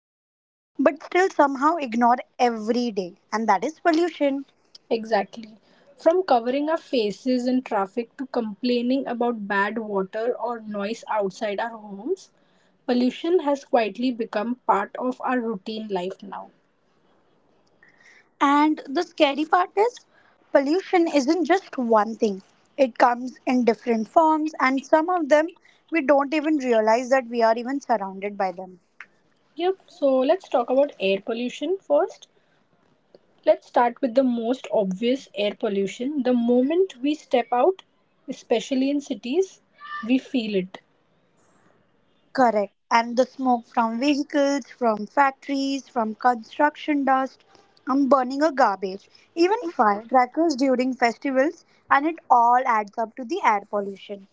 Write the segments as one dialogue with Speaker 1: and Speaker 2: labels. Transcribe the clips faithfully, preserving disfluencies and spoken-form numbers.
Speaker 1: about but still somehow ignore every day, and that is pollution.
Speaker 2: Exactly. From covering our faces in traffic to complaining about bad water or noise outside our homes, pollution has quietly become part of our routine life now.
Speaker 1: And the scary part is pollution isn't just one thing. It comes in different forms and some of them we don't even realize that we are even surrounded by them.
Speaker 2: Yep, so let's talk about air pollution first. Let's start with the most obvious air pollution. The moment we step out, especially in cities, we feel it.
Speaker 1: Correct. And the smoke from vehicles, from factories, from construction dust, and burning of garbage, even firecrackers during festivals, and it all adds up to the air pollution.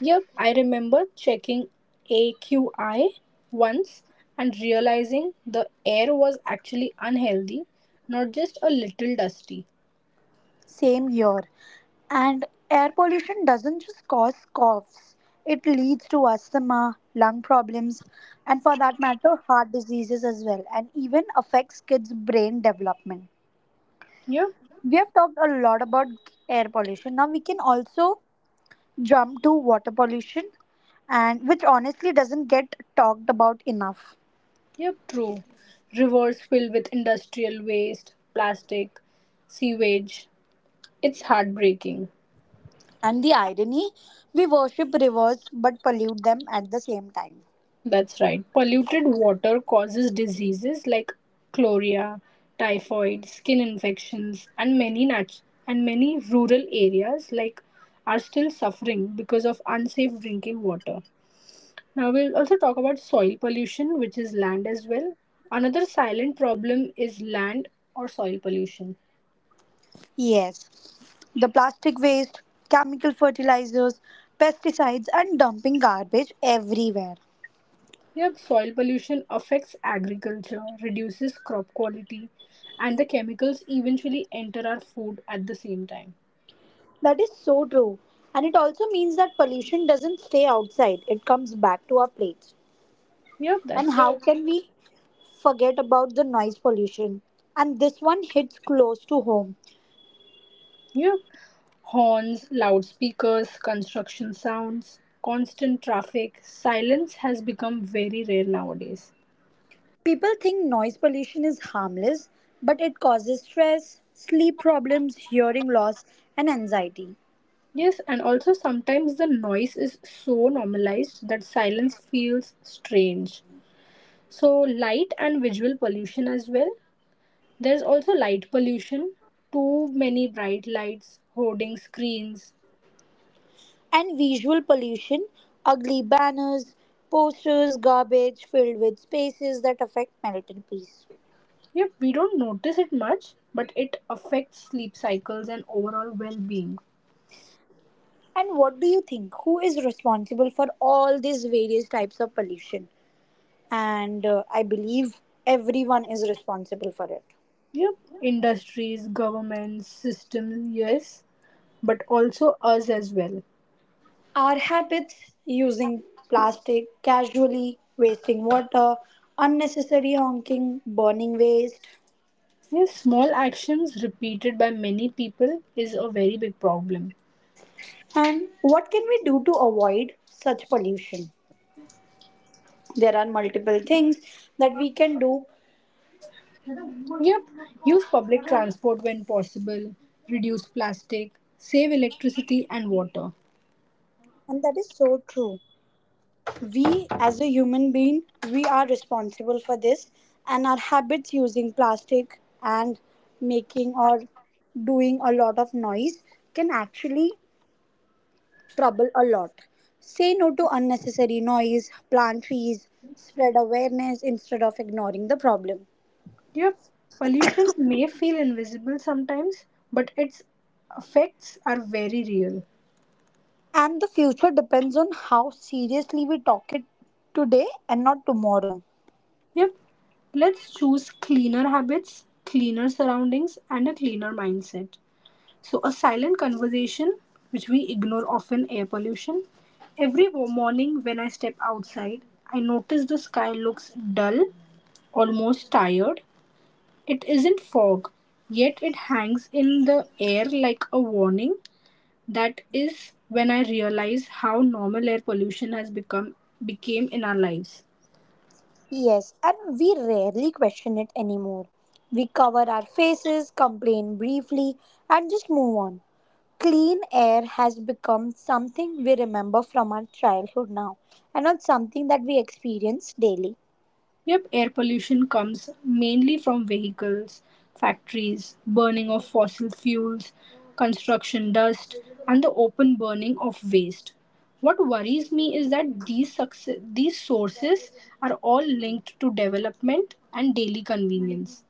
Speaker 2: Yep, I remember checking A Q I once and realizing the air was actually unhealthy, not just a little dusty.
Speaker 1: Same here. And air pollution doesn't just cause coughs, it leads to asthma, lung problems, and for that matter, heart diseases as well, and even affects kids' brain development.
Speaker 2: Yep,
Speaker 1: We have talked a lot about air pollution. Now we can also jump to water pollution and which honestly doesn't get talked about enough.
Speaker 2: yep, true. Rivers filled with industrial waste, plastic, sewage. It's heartbreaking.
Speaker 1: And the irony, we worship rivers but pollute them at the same time.
Speaker 2: That's right. Polluted water causes diseases like cholera, typhoid, skin infections, and many nat- and many rural areas like are still suffering because of unsafe drinking water. Now we'll also talk about soil pollution, which is land as well. Another silent problem is land or soil pollution.
Speaker 1: Yes, the plastic waste, chemical fertilizers, pesticides, and dumping garbage everywhere.
Speaker 2: Yep, soil pollution affects agriculture, reduces crop quality, and the chemicals eventually enter our food at the same time.
Speaker 1: That is so true. And it also means that pollution doesn't stay outside, it comes back to our plates.
Speaker 2: Yep, that's
Speaker 1: And how
Speaker 2: right.
Speaker 1: can we forget about the noise pollution? And this one hits close to home.
Speaker 2: Yeah. Horns, loudspeakers, construction sounds, constant traffic. Silence has become very rare nowadays.
Speaker 1: People think noise pollution is harmless, but it causes stress, sleep problems, hearing loss, and anxiety.
Speaker 2: Yes, and also sometimes the noise is so normalized that silence feels strange. So, light and visual pollution as well. There's also light pollution, too many bright lights, hoarding screens.
Speaker 1: And visual pollution, ugly banners, posters, garbage filled with spaces that affect mental peace.
Speaker 2: Yep, we don't notice it much, but it affects sleep cycles and overall well being.
Speaker 1: And what do you think? Who is responsible for all these various types of pollution? And uh, I believe everyone is responsible for it.
Speaker 2: Yep, industries, governments, systems, yes, but also us as well.
Speaker 1: Our habits using plastic casually, wasting water, unnecessary honking, burning waste,
Speaker 2: Yes, small actions repeated by many people is a very big problem.
Speaker 1: and what can we do to avoid such pollution? There are multiple things that we can do,
Speaker 2: Yep, use public transport when possible, reduce plastic, save electricity and water.
Speaker 1: and that is so true. We, as a human being, we are responsible for this, and our habits using plastic and making or doing a lot of noise can actually trouble a lot. Say no to unnecessary noise, plant trees, spread awareness instead of ignoring the problem.
Speaker 2: Yep, pollution may feel invisible sometimes, but its effects are very real.
Speaker 1: And the future depends on how seriously we talk it today and not tomorrow.
Speaker 2: Yep, let's choose cleaner habits, cleaner surroundings, and a cleaner mindset. So, a silent conversation which we ignore often air pollution. Every wo- morning when I step outside, I notice the sky looks dull, almost tired. It isn't fog, yet it hangs in the air like a warning. That is when I realize how normal air pollution has become became in our lives.
Speaker 1: Yes, and we rarely question it anymore. We cover our faces, complain briefly, and just move on. Clean air has become something we remember from our childhood now and not something that we experience daily.
Speaker 2: Yep, air pollution comes mainly from vehicles, factories, burning of fossil fuels, construction dust, and the open burning of waste. What worries me is that these success, these sources are all linked to development and daily convenience.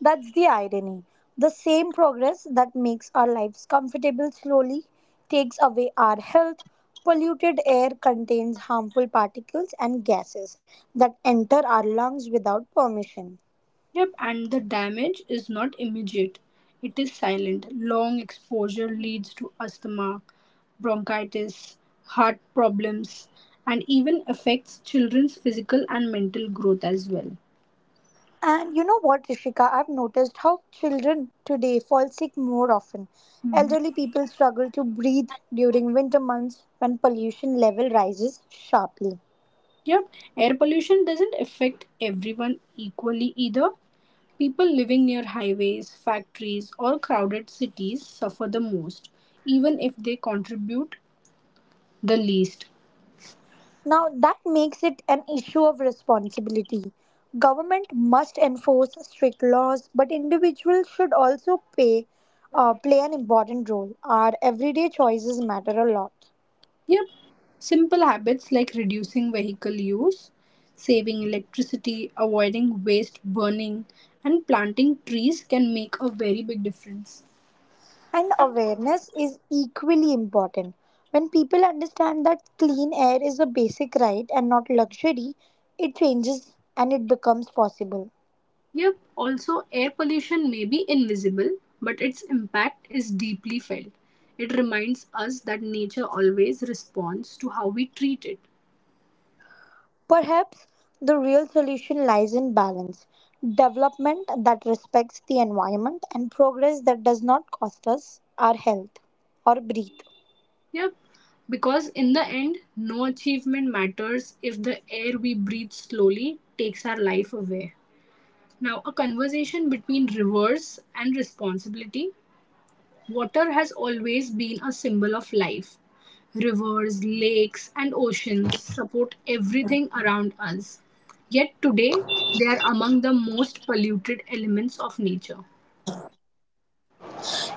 Speaker 1: That's the irony. The same progress that makes our lives comfortable slowly takes away our health. Polluted air contains harmful particles and gases that enter our lungs without permission.
Speaker 2: Yep, and the damage is not immediate. It is silent. Long exposure leads to asthma, bronchitis, heart problems, and even affects children's physical and mental growth as well.
Speaker 1: And you know what, Rishika? I've noticed how children today fall sick more often.
Speaker 2: Mhm.
Speaker 1: Elderly people struggle to breathe during winter months when pollution level rises sharply.
Speaker 2: Yep, air pollution doesn't affect everyone equally either. People living near highways, factories, or crowded cities suffer the most, even if they contribute the least.
Speaker 1: Now that makes it an issue of responsibility. Government must enforce strict laws, but individuals should also pay, uh, play an important role. Our everyday choices matter a lot.
Speaker 2: Yep, simple habits like reducing vehicle use, saving electricity, avoiding waste burning, and planting trees can make a very big difference.
Speaker 1: And awareness is equally important. When people understand that clean air is a basic right and not luxury, it changes and it becomes possible.
Speaker 2: Yep, also air pollution may be invisible, but its impact is deeply felt. It reminds us that nature always responds to how we treat it.
Speaker 1: Perhaps the real solution lies in balance development that respects the environment and progress that does not cost us our health or breathe.
Speaker 2: Yep, because in the end, no achievement matters if the air we breathe slowly takes our life away. Now, a conversation between rivers and responsibility. Water has always been a symbol of life. Rivers, lakes, and oceans support everything around us. Yet today, they are among the most polluted elements of nature.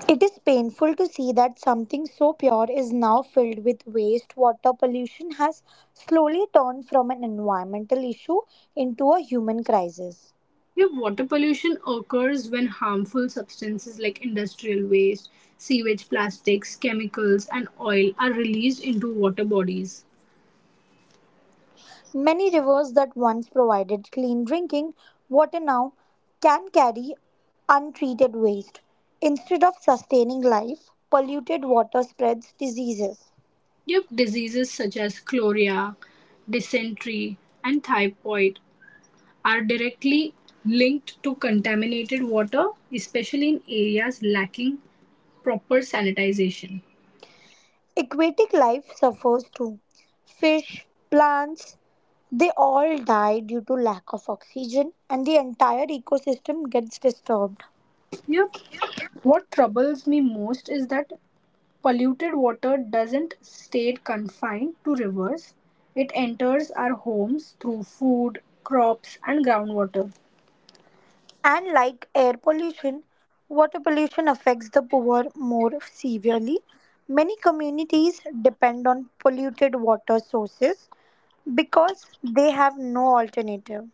Speaker 3: It is painful to see that something so pure is now filled with waste. Water pollution has slowly turned from an environmental issue into a human crisis.
Speaker 2: Yeah, water pollution occurs when harmful substances like industrial waste, sewage, plastics, chemicals, and oil are released into water bodies.
Speaker 3: Many rivers that once provided clean drinking water now can carry untreated waste. Instead of sustaining life, polluted water spreads diseases.
Speaker 2: If diseases such as cholera, dysentery, and typhoid are directly linked to contaminated water, especially in areas lacking proper sanitization.
Speaker 3: Aquatic life suffers too. Fish, plants, they all die due to lack of oxygen, and the entire ecosystem gets disturbed.
Speaker 2: Yep. What troubles me most is that polluted water doesn't stay confined to rivers. It enters our homes through food, crops, and groundwater.
Speaker 3: And like air pollution, water pollution affects the poor more severely. Many communities depend on polluted water sources because they have no alternative.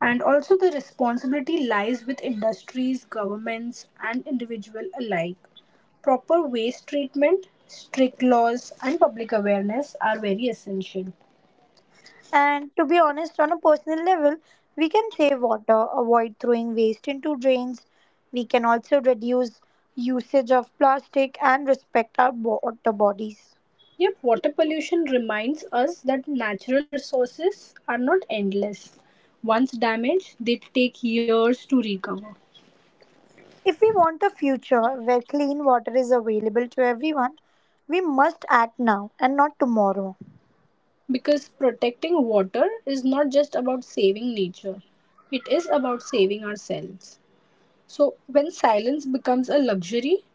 Speaker 2: And also, the responsibility lies with industries, governments, and individual alike. Proper waste treatment, strict laws, and public awareness are very essential.
Speaker 3: And to be honest, on a personal level, we can save water, avoid throwing waste into drains. We can also reduce usage of plastic and respect our bo- water bodies.
Speaker 2: Yep, water pollution reminds us that natural resources are not endless. Once damaged, they take years to recover.
Speaker 3: If we want a future where clean water is available to everyone, we must act now and not tomorrow.
Speaker 2: Because protecting water is not just about saving nature, it is about saving ourselves. So, when silence becomes a luxury,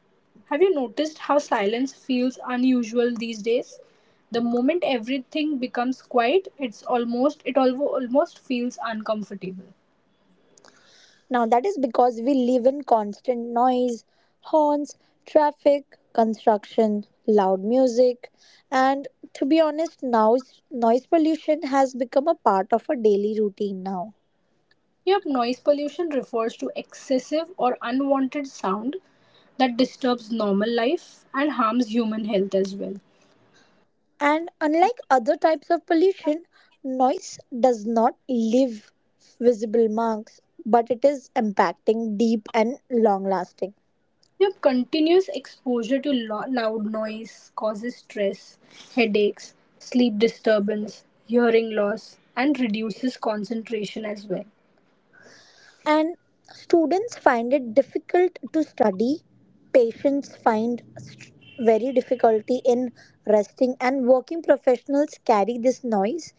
Speaker 2: have you noticed how silence feels unusual these days? The moment everything becomes quiet, it's almost it alwo- almost feels uncomfortable.
Speaker 3: Now, that is because we live in constant noise, horns, traffic, construction, loud music, and to be honest, now noise pollution has become a part of our daily routine now.
Speaker 2: Yep, noise pollution refers to excessive or unwanted sound that disturbs normal life and harms human health as well.
Speaker 3: And unlike other types of pollution, noise does not leave visible marks, but it is impacting deep and long lasting.
Speaker 2: Your continuous exposure to lo- loud noise causes stress, headaches, sleep disturbance, hearing loss, and reduces concentration as well.
Speaker 3: And students find it difficult to study, patients find st- very difficulty in resting, and working professionals carry this noise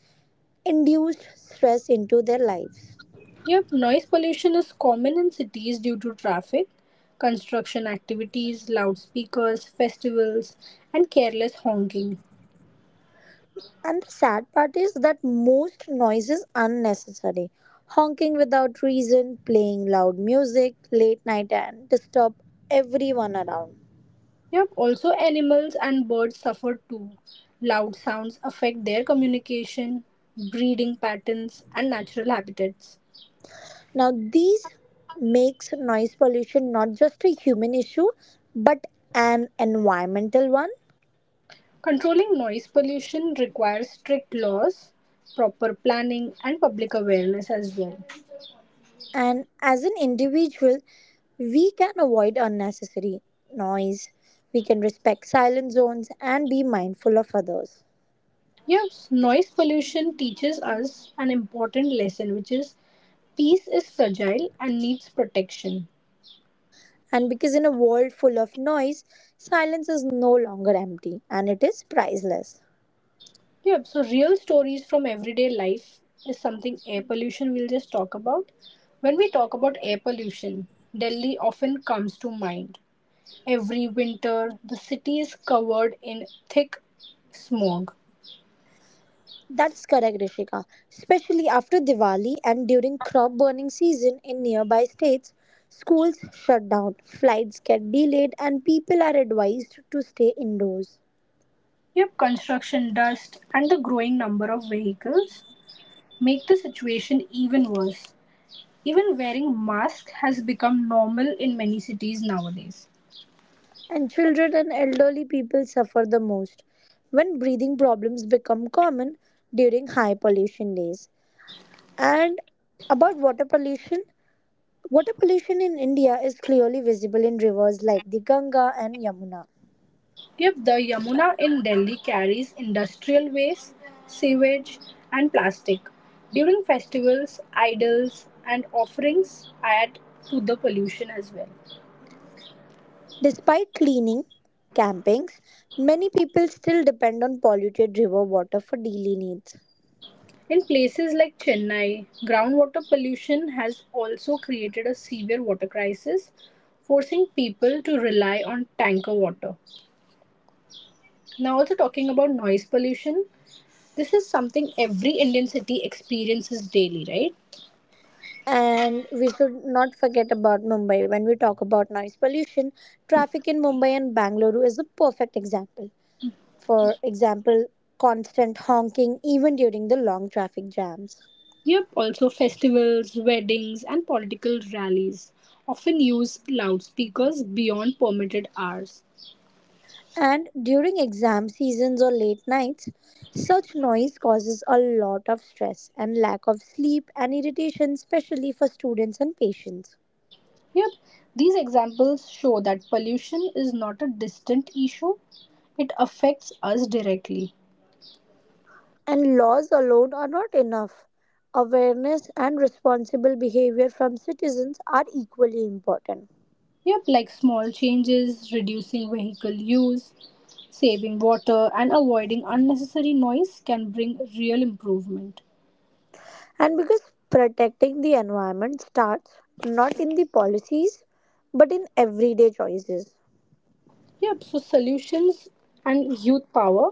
Speaker 3: induced stress into their lives.
Speaker 2: Yep, noise pollution is common in cities due to traffic, construction activities, loudspeakers, festivals, and careless honking.
Speaker 3: And the sad part is that most noise is unnecessary, honking without reason, playing loud music late night and disturb everyone around.
Speaker 2: Yep, also animals and birds suffer too. Loud sounds affect their communication, breeding patterns, and natural habitats.
Speaker 3: Now, these makes noise pollution not just a human issue, but an environmental one.
Speaker 2: Controlling noise pollution requires strict laws, proper planning, and public awareness as well.
Speaker 3: And as an individual, we can avoid unnecessary noise. We can respect silent zones and be mindful of others.
Speaker 2: Yes, noise pollution teaches us an important lesson, which is peace is fragile and needs protection.
Speaker 3: And because in a world full of noise, silence is no longer empty, and it is priceless.
Speaker 2: Yep, so real stories from everyday life is something air pollution we'll just talk about. When we talk about air pollution, Delhi often comes to mind. Every winter, the city is covered in thick smog.
Speaker 3: That is correct, Rishika. Especially after Diwali and during crop burning season in nearby states, schools shut down, flights get delayed, and people are advised to stay indoors.
Speaker 2: Yep, construction dust and the growing number of vehicles make the situation even worse. Even wearing masks has become normal in many cities nowadays.
Speaker 3: And children and elderly people suffer the most when breathing problems become common during high pollution days. And about water pollution, water pollution in India is clearly visible in rivers like the Ganga and Yamuna.
Speaker 2: Yep, the Yamuna in Delhi carries industrial waste, sewage, and plastic during festivals, idols, and offerings add to the pollution as well.
Speaker 3: Despite cleaning campings, many people still depend on polluted river water for daily needs.
Speaker 2: In places like Chennai, groundwater pollution has also created a severe water crisis, forcing people to rely on tanker water. Now, also talking about noise pollution, this is something every Indian city experiences daily, right?
Speaker 3: And we should not forget about Mumbai when we talk about noise pollution. Traffic in Mumbai and Bangalore is a perfect example. For example, constant honking even during the long traffic jams.
Speaker 2: Yep, also festivals, weddings, and political rallies often use loudspeakers beyond permitted hours.
Speaker 3: And during exam seasons or late nights, such noise causes a lot of stress and lack of sleep and irritation, especially for students and patients.
Speaker 2: Yep, these examples show that pollution is not a distant issue, it affects us directly.
Speaker 3: And laws alone are not enough. Awareness and responsible behavior from citizens are equally important.
Speaker 2: Yep, like small changes, reducing vehicle use, saving water, and avoiding unnecessary noise can bring real improvement.
Speaker 3: And because protecting the environment starts not in the policies but in everyday choices.
Speaker 2: Yep, so solutions and youth power.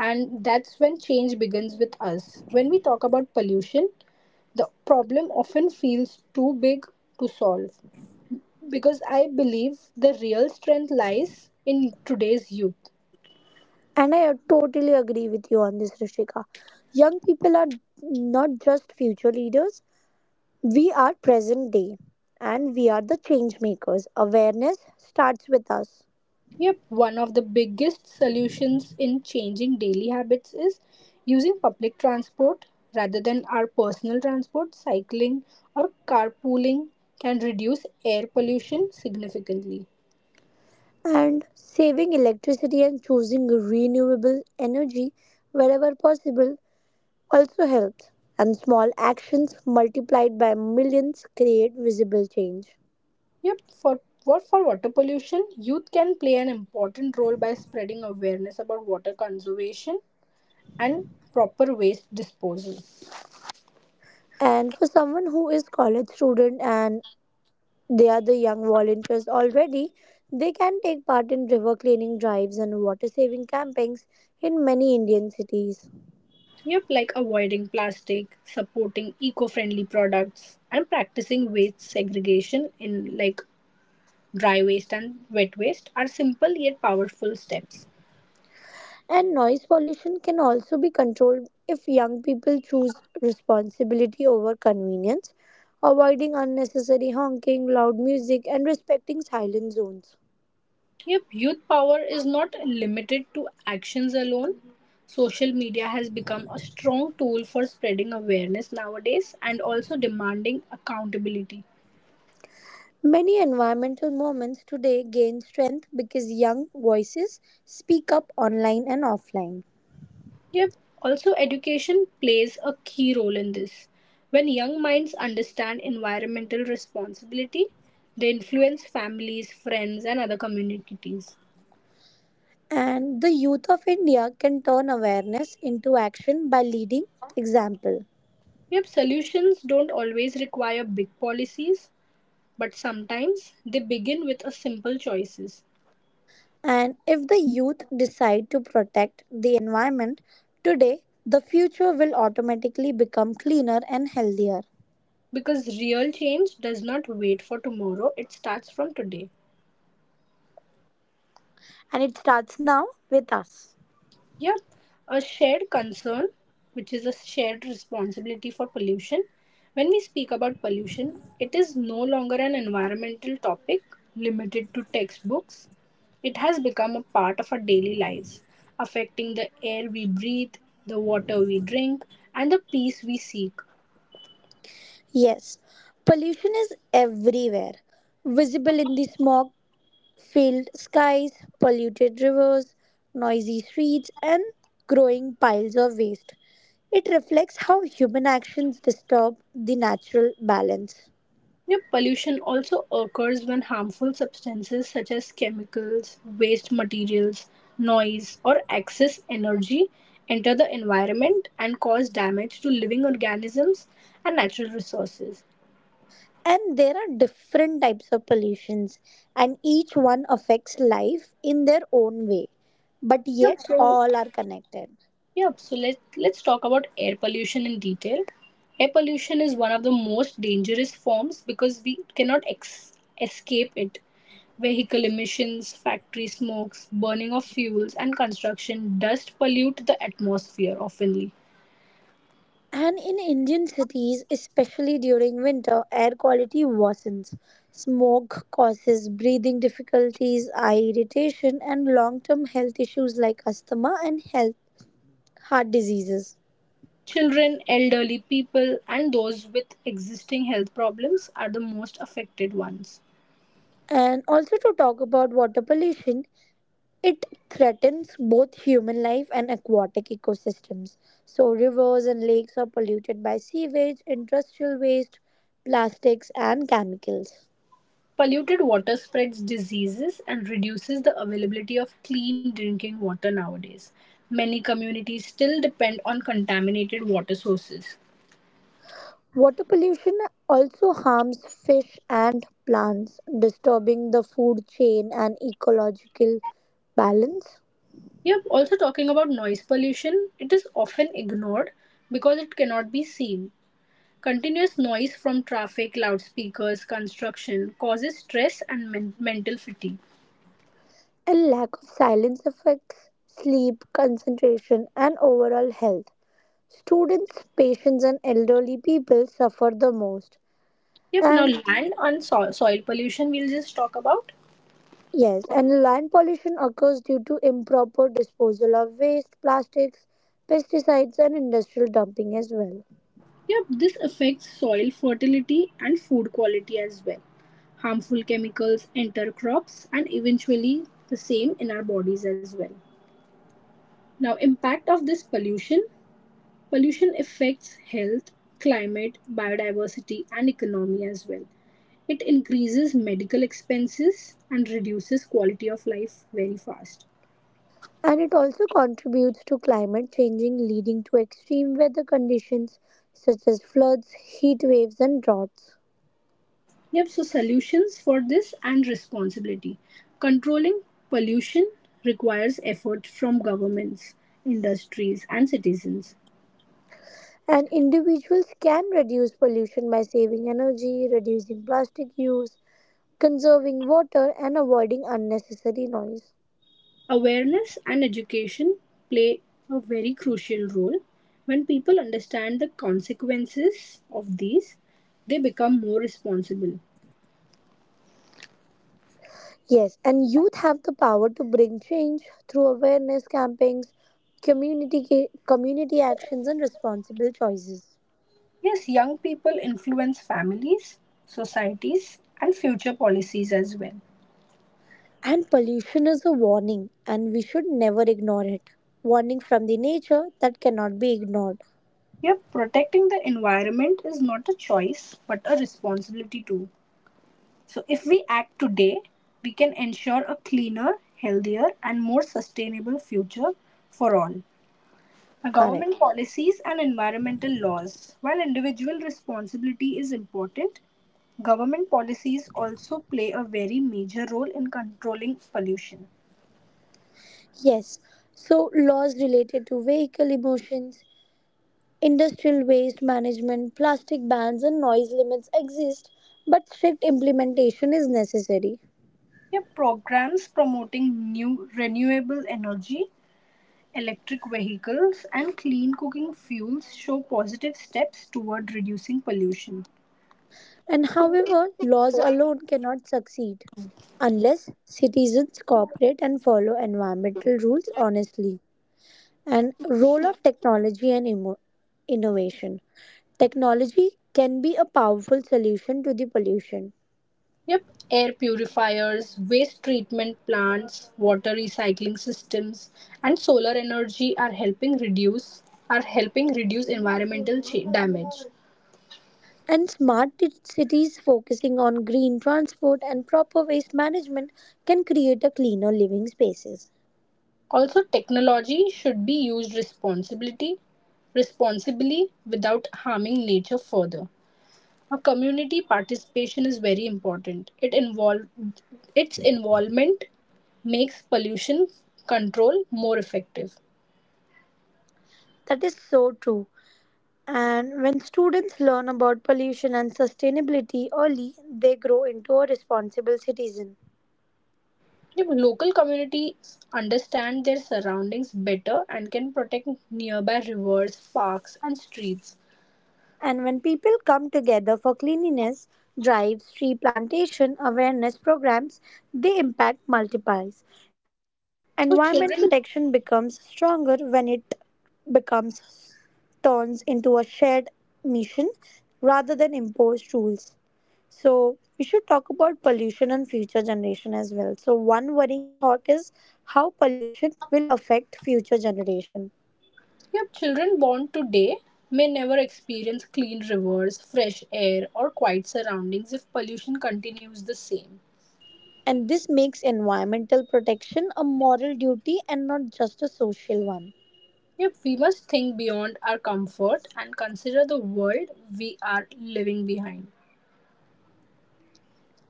Speaker 2: And that's when change begins with us. When we talk about pollution, the problem often feels too big to solve. Because I believe the real strength lies in today's youth.
Speaker 3: And I totally agree with you on this, Rishika. Young people are not just future leaders, we are present day and we are the change makers. Awareness starts with us.
Speaker 2: Yep, one of the biggest solutions in changing daily habits is using public transport rather than our personal transport. Cycling or carpooling can reduce air pollution significantly.
Speaker 3: And saving electricity and choosing renewable energy wherever possible also helps. And small actions multiplied by millions create visible change.
Speaker 2: Yep, for what for water pollution, youth can play an important role by spreading awareness about water conservation and proper waste disposal.
Speaker 3: And for someone who is college student and they are the young volunteers already, they can take part in river cleaning drives and water saving campaigns in many Indian cities.
Speaker 2: Yep, like avoiding plastic, supporting eco-friendly products, and practicing waste segregation in like dry waste and wet waste are simple yet powerful steps.
Speaker 3: And noise pollution can also be controlled if young people choose responsibility over convenience, avoiding unnecessary honking, loud music, and respecting silent zones.
Speaker 2: Yep, youth power is not limited to actions alone. Social media has become a strong tool for spreading awareness nowadays and also demanding accountability.
Speaker 3: Many environmental movements today gain strength because young voices speak up online and offline.
Speaker 2: Yep, also education plays a key role in this. When young minds understand environmental responsibility, they influence families, friends, and other communities.
Speaker 3: And the youth of India can turn awareness into action by leading example.
Speaker 2: Yep, solutions don't always require big policies, but sometimes they begin with a simple choices.
Speaker 3: And if the youth decide to protect the environment today, the future will automatically become cleaner and healthier.
Speaker 2: Because real change does not wait for tomorrow, it starts from today.
Speaker 3: And it starts now with us.
Speaker 2: Yep, a shared concern, which is a shared responsibility for pollution. When we speak about pollution, it is no longer an environmental topic limited to textbooks. It has become a part of our daily lives, affecting the air we breathe, the water we drink, and the peace we seek.
Speaker 3: Yes, pollution is everywhere. Visible in the smog filled skies, polluted rivers, noisy streets, and growing piles of waste. It reflects how human actions disturb the natural balance.
Speaker 2: Yeah, pollution also occurs when harmful substances such as chemicals, waste materials, noise, or excess energy enter the environment and cause damage to living organisms and natural resources.
Speaker 3: And there are different types of pollutions, and each one affects life in their own way, but
Speaker 2: Yep,
Speaker 3: yet
Speaker 2: so
Speaker 3: all are connected.
Speaker 2: Yep, so let, let's talk about air pollution in detail. Air pollution is one of the most dangerous forms because we cannot ex- escape it. Vehicle emissions, factory smokes, burning of fuels, and construction dust pollute the atmosphere oftenly.
Speaker 3: And in Indian cities, especially during winter, air quality worsens. Smoke causes breathing difficulties, eye irritation, and long term health issues like asthma and health, heart diseases.
Speaker 2: Children, elderly people, and those with existing health problems are the most affected ones.
Speaker 3: And also, to talk about water pollution, it threatens both human life and aquatic ecosystems. So, rivers and lakes are polluted by sewage, industrial waste, plastics, and chemicals.
Speaker 2: Polluted water spreads diseases and reduces the availability of clean drinking water nowadays. Many communities still depend on contaminated water sources.
Speaker 3: Water pollution also harms fish and plants, disturbing the food chain and ecological balance.
Speaker 2: Yep, also talking about noise pollution, it is often ignored because it cannot be seen. Continuous noise from traffic, loudspeakers, construction causes stress and men- mental fatigue.
Speaker 3: A lack of silence affects sleep, concentration, and overall health. Students, patients, and elderly people suffer the most.
Speaker 2: Yep, now
Speaker 3: And
Speaker 2: land and so- soil pollution we'll just talk about.
Speaker 3: yes, and land pollution occurs due to improper disposal of waste, plastics, pesticides, and industrial dumping as well.
Speaker 2: Yep, this affects soil fertility and food quality as well. Harmful chemicals enter crops and eventually the same in our bodies as well. Now, impact of this pollution. Pollution affects health, climate, biodiversity and economy as well. It increases medical expenses and reduces quality of life very fast.
Speaker 3: And it also contributes to climate changing, leading to extreme weather conditions such as floods, heat waves, and droughts.
Speaker 2: Yep, so solutions for this and responsibility. Controlling pollution requires effort from governments, industries, and citizens.
Speaker 3: And individuals can reduce pollution by saving energy, reducing plastic use, conserving water, and avoiding unnecessary noise.
Speaker 2: Awareness and education play a very crucial role. When people understand the consequences of these, they become more responsible.
Speaker 3: Yes, and youth have the power to bring change through awareness campaigns, community ca- community actions and responsible choices.
Speaker 2: Yes, young people influence families, societies, and future policies as well.
Speaker 3: And pollution is a warning and we should never ignore it. Warning from the nature that cannot be ignored.
Speaker 2: Yep, protecting the environment is not a choice but a responsibility too. So, if we act today, we can ensure a cleaner, healthier, and more sustainable future for all.
Speaker 3: Correct.
Speaker 2: Government policies and environmental laws. While individual responsibility is important, government policies also play a very major role in controlling pollution.
Speaker 3: Yes. So laws related to vehicle emissions, industrial waste management, plastic bans and noise limits exist, but strict implementation is necessary.
Speaker 2: Yeah, programs promoting new renewable energy, electric vehicles, and clean cooking fuels show positive steps toward reducing pollution.
Speaker 3: And however, laws alone cannot succeed unless citizens cooperate and follow environmental rules honestly. And role of technology and immo- innovation. Technology can be a powerful solution to the pollution.
Speaker 2: Yep, air purifiers, waste treatment plants, water recycling systems, and solar energy are helping reduce are helping reduce environmental cha- damage.
Speaker 3: And smart t- cities focusing on green transport and proper waste management can create a cleaner living spaces.
Speaker 2: Also, technology should be used responsibility, responsibly without harming nature further. Now, community participation is very important. It involve, its involvement makes pollution control more effective.
Speaker 3: That is so true. And when students learn about pollution and sustainability early, they grow into a responsible citizen.
Speaker 2: Yeah, but local communities understand their surroundings better and can protect nearby rivers, parks, and streets.
Speaker 3: And when people come together for cleanliness, drives, tree plantation, awareness programs, the impact multiplies. Environmental
Speaker 2: But
Speaker 3: protection
Speaker 2: children,
Speaker 3: becomes stronger when it becomes turns into a shared mission rather than imposed rules. So we should talk about pollution and future generation as well. So one worrying thought is how pollution will affect future generation.
Speaker 2: yep, children born today may never experience clean rivers, fresh air, or quiet surroundings if pollution continues the same.
Speaker 3: And this makes environmental protection a moral duty and not just a social one.
Speaker 2: Yep, we must think beyond our comfort and consider the world we are living behind.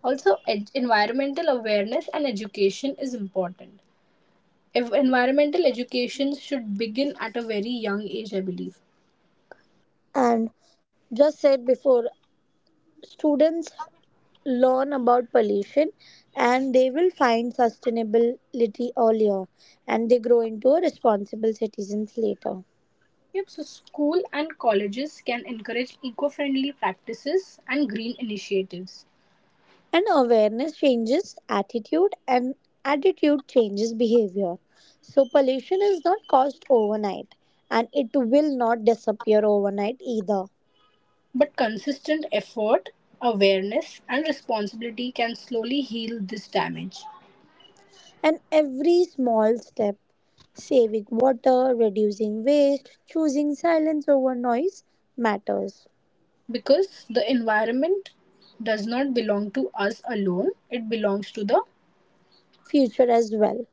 Speaker 2: Also, ed- environmental awareness and education is important. Ev- environmental education should begin at a very young age, I believe.
Speaker 3: And just said before, students learn about pollution and they will find sustainability earlier and they grow into a responsible citizens later.
Speaker 2: Yep, so school and colleges can encourage eco friendly practices and green initiatives.
Speaker 3: And awareness changes attitude, and attitude changes behavior. So, pollution is not caused overnight, and it will not disappear overnight either.
Speaker 2: But consistent effort, awareness, and responsibility can slowly heal this damage.
Speaker 3: And every small step, saving water, reducing waste, choosing silence over noise, matters.
Speaker 2: Because the environment does not belong to us alone. It belongs to the
Speaker 3: Future as well.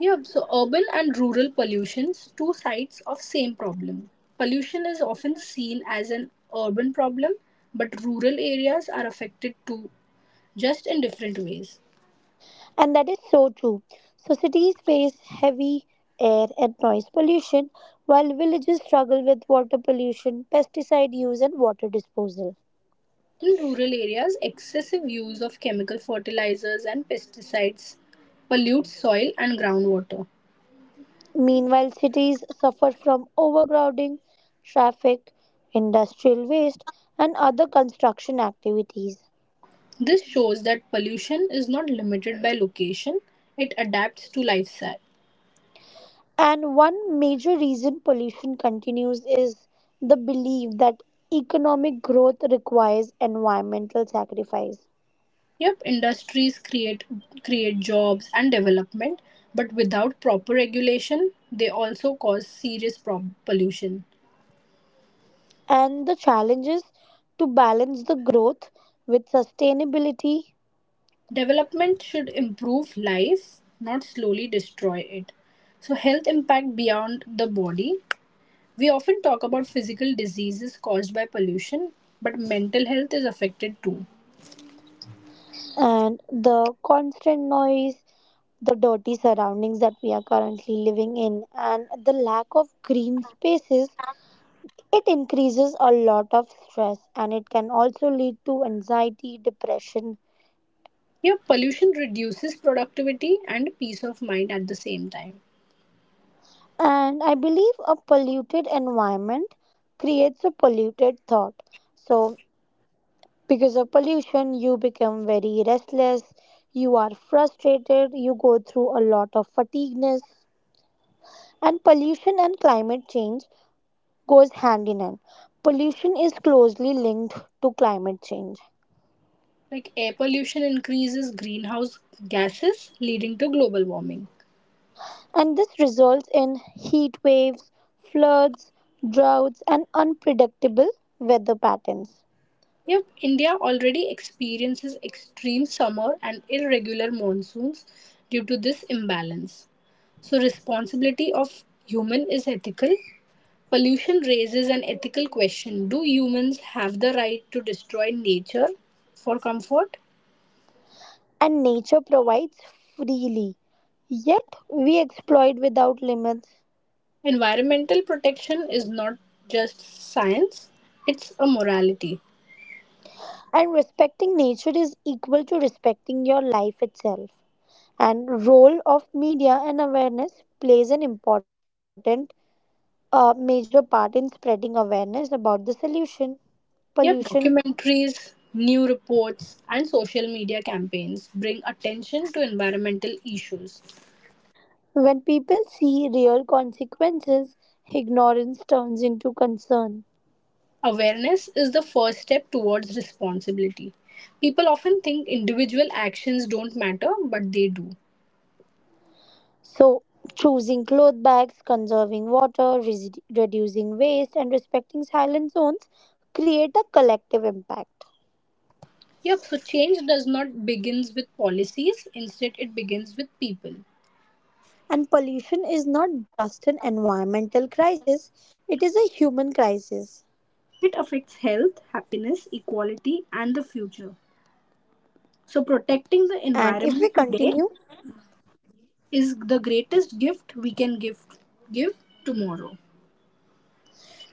Speaker 2: Yeah, so urban and rural pollutions, two sides of same problem. Pollution is often seen as an urban problem, but rural areas are affected too, just in different ways.
Speaker 3: And that is so true. So cities face heavy air and noise pollution, while villages struggle with water pollution, pesticide use, and water disposal.
Speaker 2: In rural areas, excessive use of chemical fertilizers and pesticides pollutes soil and groundwater.
Speaker 3: Meanwhile, cities suffer from overcrowding, traffic, industrial waste, and other construction activities.
Speaker 2: This shows that pollution is not limited by location, it adapts to lifestyle.
Speaker 3: And one major reason pollution continues is the belief that economic growth requires environmental sacrifice.
Speaker 2: Yep, industries create create jobs and development, but without proper regulation, they also cause serious prob- pollution.
Speaker 3: And the challenges to balance the growth with sustainability
Speaker 2: Development should improve life, not slowly destroy it. So health impact beyond the body. We often talk about physical diseases caused by pollution, but mental health is affected too.
Speaker 3: and the constant noise, the dirty surroundings that we are currently living in, and the lack of green spaces. It increases a lot of stress and it can also lead to anxiety, depression.
Speaker 2: Yep, pollution reduces productivity and peace of mind at the same time.
Speaker 3: And I believe a polluted environment creates a polluted thought. So, because of pollution, you become very restless, you are frustrated, you go through a lot of fatigueness. And pollution and climate change goes hand in hand. Pollution is closely linked to climate change.
Speaker 2: Like air pollution increases greenhouse gases, leading to global warming.
Speaker 3: And this results in heat waves, floods, droughts, and unpredictable weather patterns.
Speaker 2: Yep, India already experiences extreme summer and irregular monsoons due to this imbalance. So, responsibility of human is ethical. Pollution raises an ethical question. Do humans have the right to destroy nature for comfort?
Speaker 3: And nature provides freely. Yet we exploit without limits.
Speaker 2: Environmental protection is not just science, it's a morality.
Speaker 3: And respecting nature is equal to respecting your life itself. And role of media and awareness plays an important uh, major part in spreading awareness about the solution pollution.
Speaker 2: Yep, documentaries, new reports, and social media campaigns bring attention to environmental issues.
Speaker 3: When people see real consequences, ignorance turns into concern.
Speaker 2: Awareness is the first step towards responsibility. People often think individual actions don't matter, but they do.
Speaker 3: So, choosing cloth bags, conserving water, res- reducing waste, and respecting silent zones create a collective impact.
Speaker 2: Yep, so change does not begins with policies, instead it begins with people.
Speaker 3: And pollution is not just an environmental crisis, it is a human crisis.
Speaker 2: It affects health, happiness, equality, and the future. So protecting the
Speaker 3: And if we
Speaker 2: environment today
Speaker 3: continue,
Speaker 2: is the greatest gift we can give give tomorrow.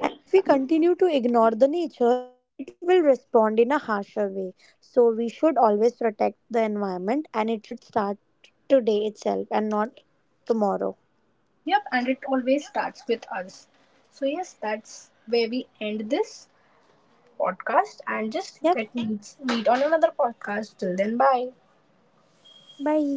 Speaker 3: and if we continue to ignore the nature, it will respond in a harsher way. So we should always protect the environment and it should start today itself and not tomorrow.
Speaker 2: Yep, and it always starts with us. So, yes, that's where we end this podcast and just
Speaker 3: Yep.
Speaker 2: let me meet on another podcast. Till then, bye.
Speaker 3: Bye.